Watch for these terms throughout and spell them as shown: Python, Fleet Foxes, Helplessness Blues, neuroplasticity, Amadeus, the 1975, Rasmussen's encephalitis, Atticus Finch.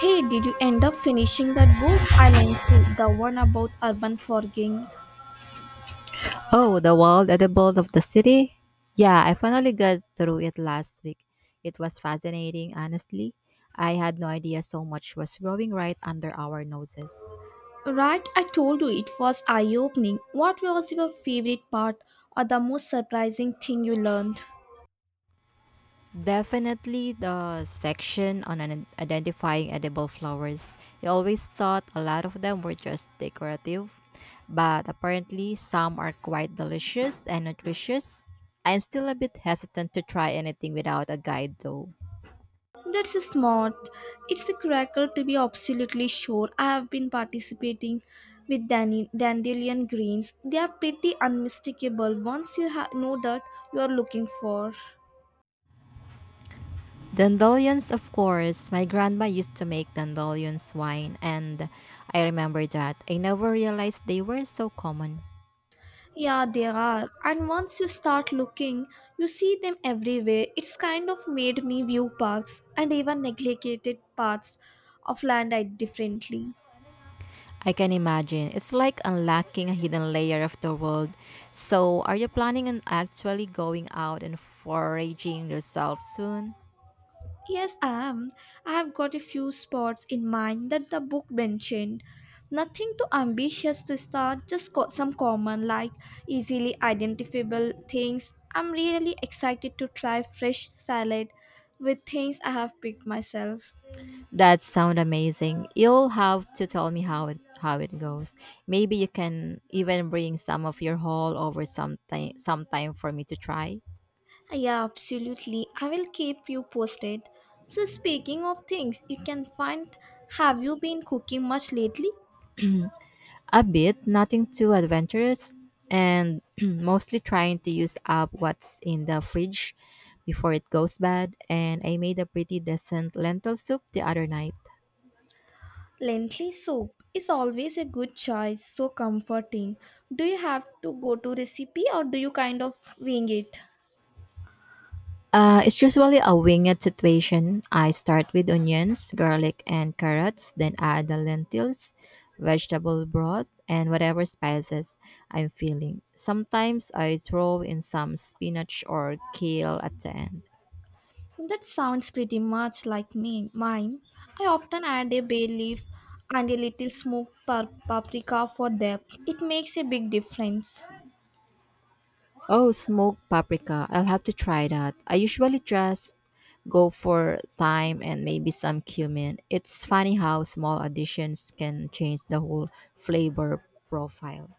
Hey, did you end up finishing that book I lent you, the one about urban forgiving? Oh, the wall at the bold of the city? Yeah, I finally got through it last week. It was fascinating, honestly. I had no idea so much was growing right under our noses. Right, I told you it was eye opening. What was your favorite part or the most surprising thing you learned? Definitely the section on identifying edible flowers. I always thought a lot of them were just decorative, but apparently some are quite delicious and nutritious. I'm still a bit hesitant to try anything without a guide though. That's smart. It's a crackle to be absolutely sure. I have been participating with dandelion greens. They are pretty unmistakable once you know that you are looking for. Dandelions, of course. My grandma used to make dandelions wine, and I remember that. I never realized they were so common. Yeah, there are. And once you start looking, you see them everywhere. It's kind of made me view parks and even neglected parts of land I differently. I can imagine. It's like unlocking a hidden layer of the world. So, are you planning on actually going out and foraging yourself soon? Yes, I am. I have got a few spots in mind that the book mentioned. Nothing too ambitious to start, just some common, like easily identifiable things. I'm really excited to try fresh salad with things I have picked myself. That sounds amazing. You'll have to tell me how it goes. Maybe you can even bring some of your haul over sometime for me to try. Yeah, absolutely. I will keep you posted. So, speaking of things you can find, have you been cooking much lately? A bit, nothing too adventurous, and mostly trying to use up what's in the fridge before it goes bad. And I made a pretty decent lentil soup the other night. Lentil soup is always a good choice, so comforting. Do you have to go to recipe or do you kind of wing it? It's usually a winged situation. I start with onions, garlic, and carrots, then add the lentils, vegetable broth, and whatever spices I'm feeling. Sometimes I throw in some spinach or kale at the end. That sounds pretty much like me. Mine. I often add a bay leaf and a little smoked paprika for depth. It makes a big difference. Oh, smoked paprika. I'll have to try that. I usually just go for thyme and maybe some cumin. It's funny how small additions can change the whole flavor profile.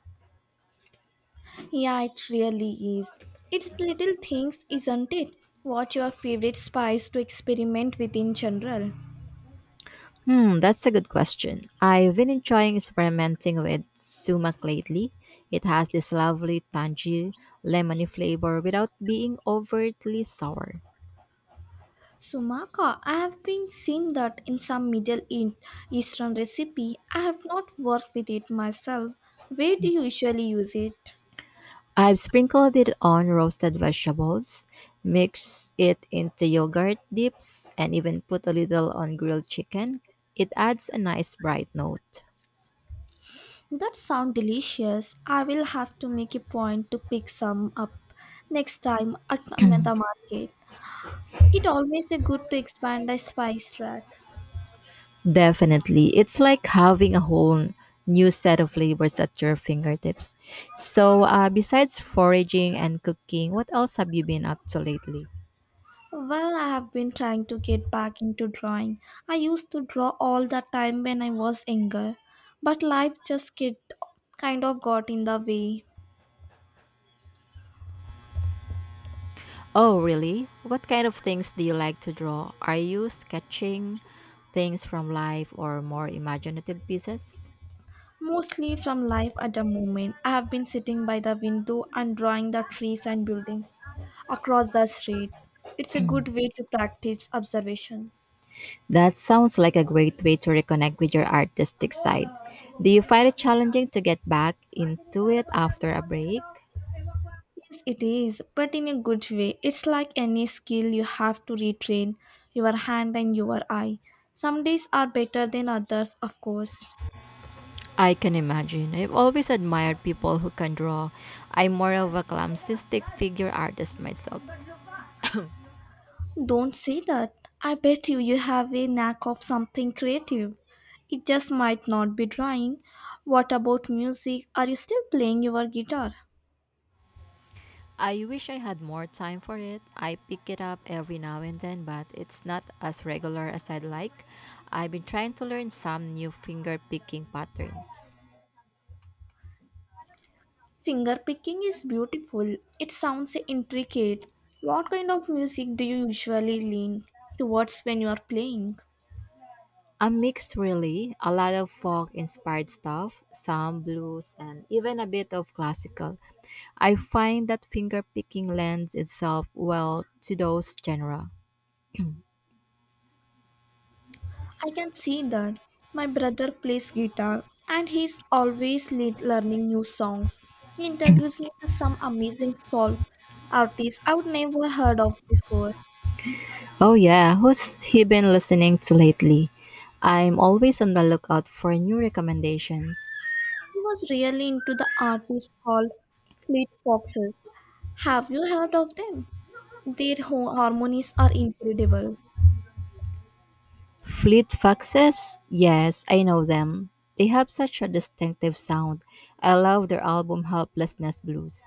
Yeah, it really is. It's little things, isn't it? What's your favorite spice to experiment with in general? That's a good question. I've been enjoying experimenting with sumac lately. It has this lovely tangy lemony flavor without being overtly sour. Sumaka, I have been seeing that in some Eastern recipe. I have not worked with it myself. Where do you usually use it? I've sprinkled it on roasted vegetables, mixed it into yogurt dips, and even put a little on grilled chicken. It adds a nice bright note. That sounds delicious. I will have to make a point to pick some up next time at the market. It always a good to expand a spice rack. Definitely. It's like having a whole new set of flavors at your fingertips. So, besides foraging and cooking, what else have you been up to lately? Well, I have been trying to get back into drawing. I used to draw all the time when I was younger, but kind of got in the way. Oh, really? What kind of things do you like to draw? Are you sketching things from life or more imaginative pieces? Mostly from life at the moment. I have been sitting by the window and drawing the trees and buildings across the street. It's a good way to practice observations. That sounds like a great way to reconnect with your artistic side. Do you find it challenging to get back into it after a break? Yes, it is, but in a good way. It's like any skill you have to retrain your hand and your eye. Some days are better than others, of course. I can imagine. I've always admired people who can draw. I'm more of a clumsy stick figure artist myself. Don't say that. I bet you have a knack of something creative. It just might not be drawing. What about music? Are you still playing your guitar? I wish I had more time for it. I pick it up every now and then, but it's not as regular as I'd like. I've been trying to learn some new finger picking patterns. Finger picking is beautiful. It sounds intricate. What kind of music do you usually lean towards when you are playing? A mix, really. A lot of folk inspired stuff, some blues, and even a bit of classical. I find that fingerpicking lends itself well to those genres. I can see that. My brother plays guitar and he's always learning new songs. He introduced me to some amazing folk artists I would never heard of before. Oh, yeah, who's he been listening to lately? I'm always on the lookout for new recommendations. He was really into the artist called Fleet Foxes. Have you heard of them? Their harmonies are incredible. Fleet Foxes? Yes, I know them. They have such a distinctive sound. I love their album Helplessness Blues.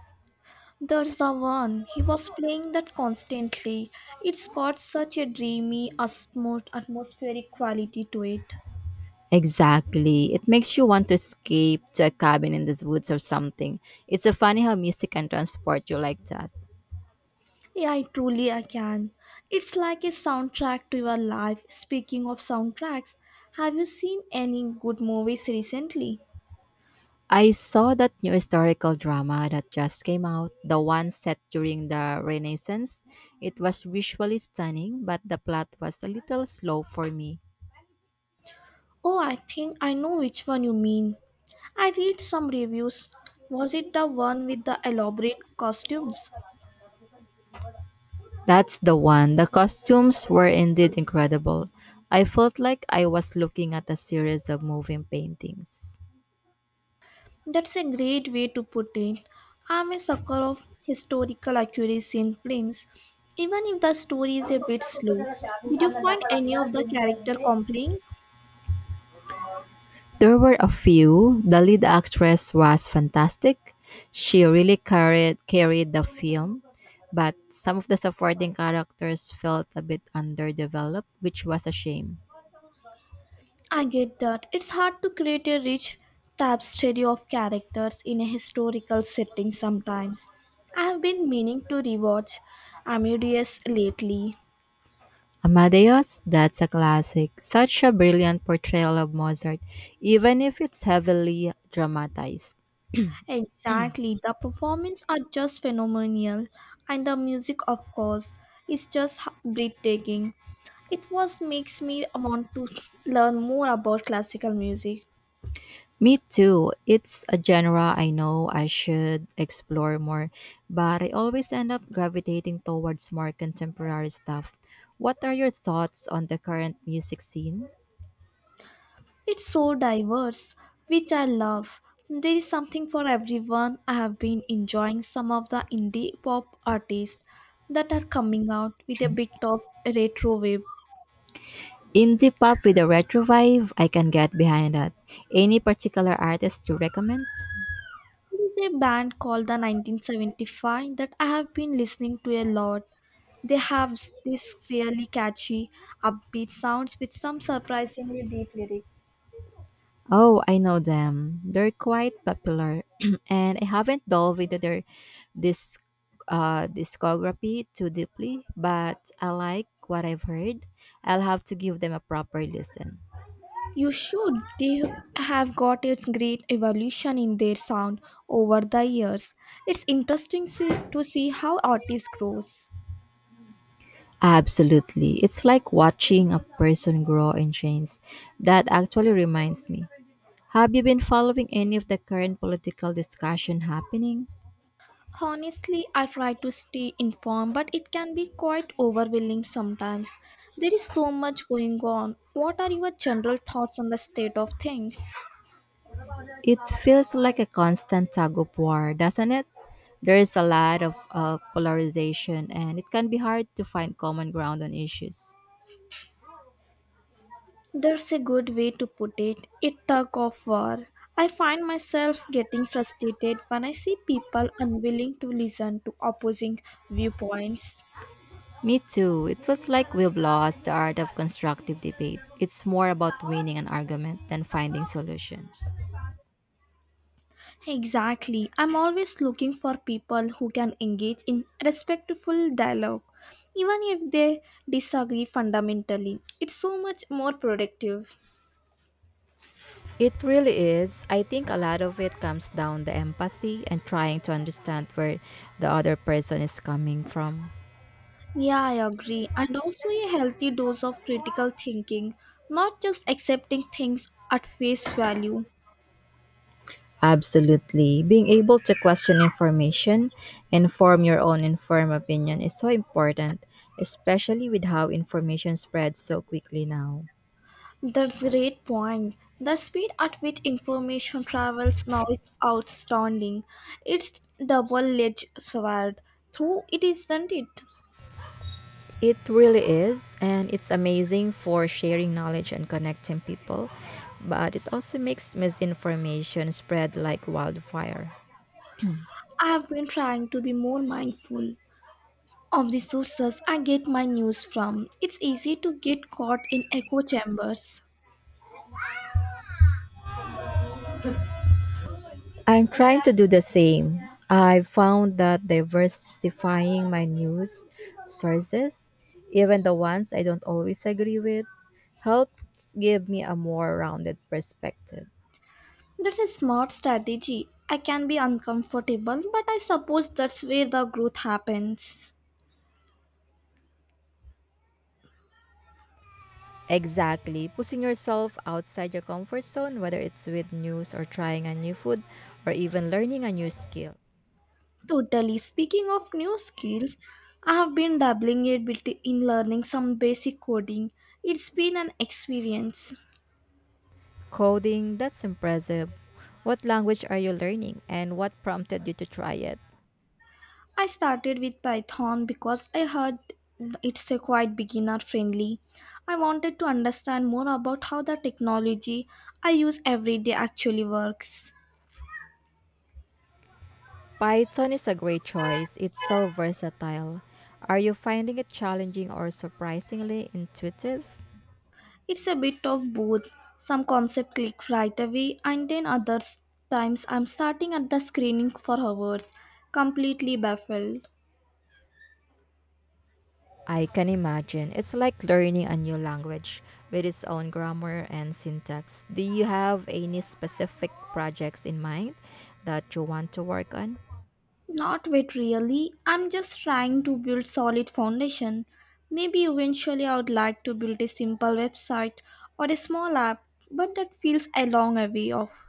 There's the one. He was playing that constantly. It's got such a dreamy, atmospheric quality to it. Exactly. It makes you want to escape to a cabin in the woods or something. It's so funny how music can transport you like that. Yeah, I truly I can. It's like a soundtrack to your life. Speaking of soundtracks, have you seen any good movies recently? I saw that new historical drama that just came out, the one set during the Renaissance. It was visually stunning, but the plot was a little slow for me. Oh, I think I know which one you mean. I read some reviews. Was it the one with the elaborate costumes? That's the one. The costumes were indeed incredible. I felt like I was looking at a series of moving paintings. That's a great way to put it. I'm a sucker of historical accuracy in films, even if the story is a bit slow. Did you find any of the character compelling? There were a few. The lead actress was fantastic. She really carried the film, but some of the supporting characters felt a bit underdeveloped, which was a shame. I get that. It's hard to create a rich tapestry of characters in a historical setting sometimes. I have been meaning to rewatch Amadeus lately. Amadeus, that's a classic. Such a brilliant portrayal of Mozart, even if it's heavily dramatized. Exactly, the performance are just phenomenal, and the music, of course, is just breathtaking. It was makes me want to learn more about classical music. Me too. It's a genre I know I should explore more, but I always end up gravitating towards more contemporary stuff. What are your thoughts on the current music scene? It's so diverse, which I love. There is something for everyone. I have been enjoying some of the indie pop artists that are coming out with a bit of retro wave. Indie pop with a retro vibe, I can get behind that. Any particular artists you recommend? There is a band called the 1975 that I have been listening to a lot. They have this really catchy, upbeat sounds with some surprisingly deep lyrics. Oh, I know them. They're quite popular, and I haven't delved into their this discography too deeply, but I like what I've heard. I'll have to give them a proper listen. You should. They have got its great evolution in their sound over the years. It's interesting to see how artists grows. Absolutely. It's like watching a person grow and change. That actually reminds me. Have you been following any of the current political discussion happening? Honestly, I try to stay informed, but it can be quite overwhelming sometimes. There is so much going on. What are your general thoughts on the state of things? It feels like a constant tug of war, doesn't it? There is a lot of polarization, and it can be hard to find common ground on issues. That's a good way to put it. It tug of war. I find myself getting frustrated when I see people unwilling to listen to opposing viewpoints. Me too. It was like we've lost the art of constructive debate. It's more about winning an argument than finding solutions. Exactly. I'm always looking for people who can engage in respectful dialogue, even if they disagree fundamentally. It's so much more productive. It really is. I think a lot of it comes down to empathy and trying to understand where the other person is coming from. Yeah, I agree. And also a healthy dose of critical thinking, not just accepting things at face value. Absolutely. Being able to question information and form your own informed opinion is so important, especially with how information spreads so quickly now. That's a great point. The speed at which information travels now is outstanding. It's double-edged sword. Through it, isn't it? It really is, and it's amazing for sharing knowledge and connecting people, but it also makes misinformation spread like wildfire. I have been trying to be more mindful of the sources I get my news from. It's easy to get caught in echo chambers. I'm trying to do the same. I found that diversifying my news sources, even the ones I don't always agree with, helps give me a more rounded perspective. That's a smart strategy. I can be uncomfortable, but I suppose that's where the growth happens. Exactly. Pushing yourself outside your comfort zone, whether it's with news or trying a new food or even learning a new skill. Totally. Speaking of new skills, I have been dabbling a bit in learning some basic coding. It's been an experience. Coding, that's impressive. What language are you learning and what prompted you to try it? I started with Python because I heard it's a quite beginner friendly. I wanted to understand more about how the technology I use every day actually works. Python is a great choice. It's so versatile. Are you finding it challenging or surprisingly intuitive? It's a bit of both. Some concept click right away and then other times I'm starting at the screening for hours, completely baffled. I can imagine. It's like learning a new language with its own grammar and syntax. Do you have any specific projects in mind that you want to work on? Not yet, really. I'm just trying to build solid foundation. Maybe eventually I would like to build a simple website or a small app, but that feels a long way off.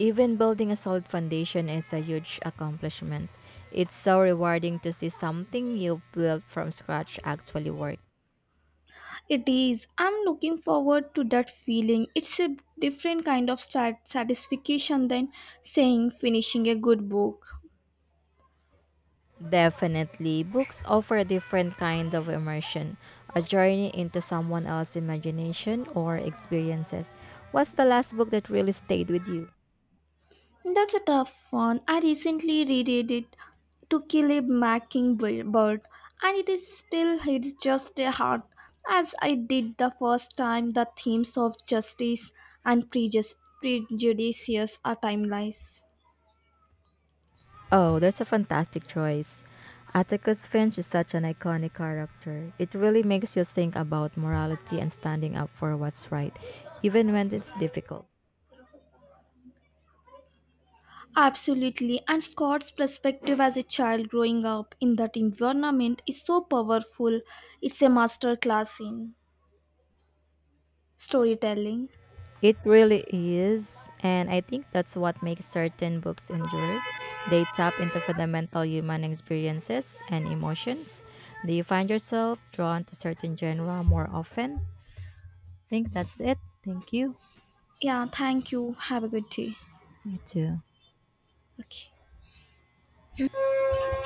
Even building a solid foundation is a huge accomplishment. It's so rewarding to see something you built from scratch actually work. It is. I'm looking forward to that feeling. It's a different kind of satisfaction than saying finishing a good book. Definitely, books offer a different kind of immersion, a journey into someone else's imagination or experiences. What's the last book that really stayed with you? That's a tough one. I recently reread it to kill a mockingbird, and it is still hits just a heart as I did the first time. The themes of justice and prejudices are timeless. Oh, there's a fantastic choice. Atticus Finch is such an iconic character. It really makes you think about morality and standing up for what's right, even when it's difficult. Absolutely, and Scott's perspective as a child growing up in that environment is so powerful. It's a masterclass in storytelling. It really is. And I think that's what makes certain books endure. They tap into fundamental human experiences and emotions. Do you find yourself drawn to certain genre more often? Think that's it. Thank you. Yeah, thank you. Have a good day. You too. Okay.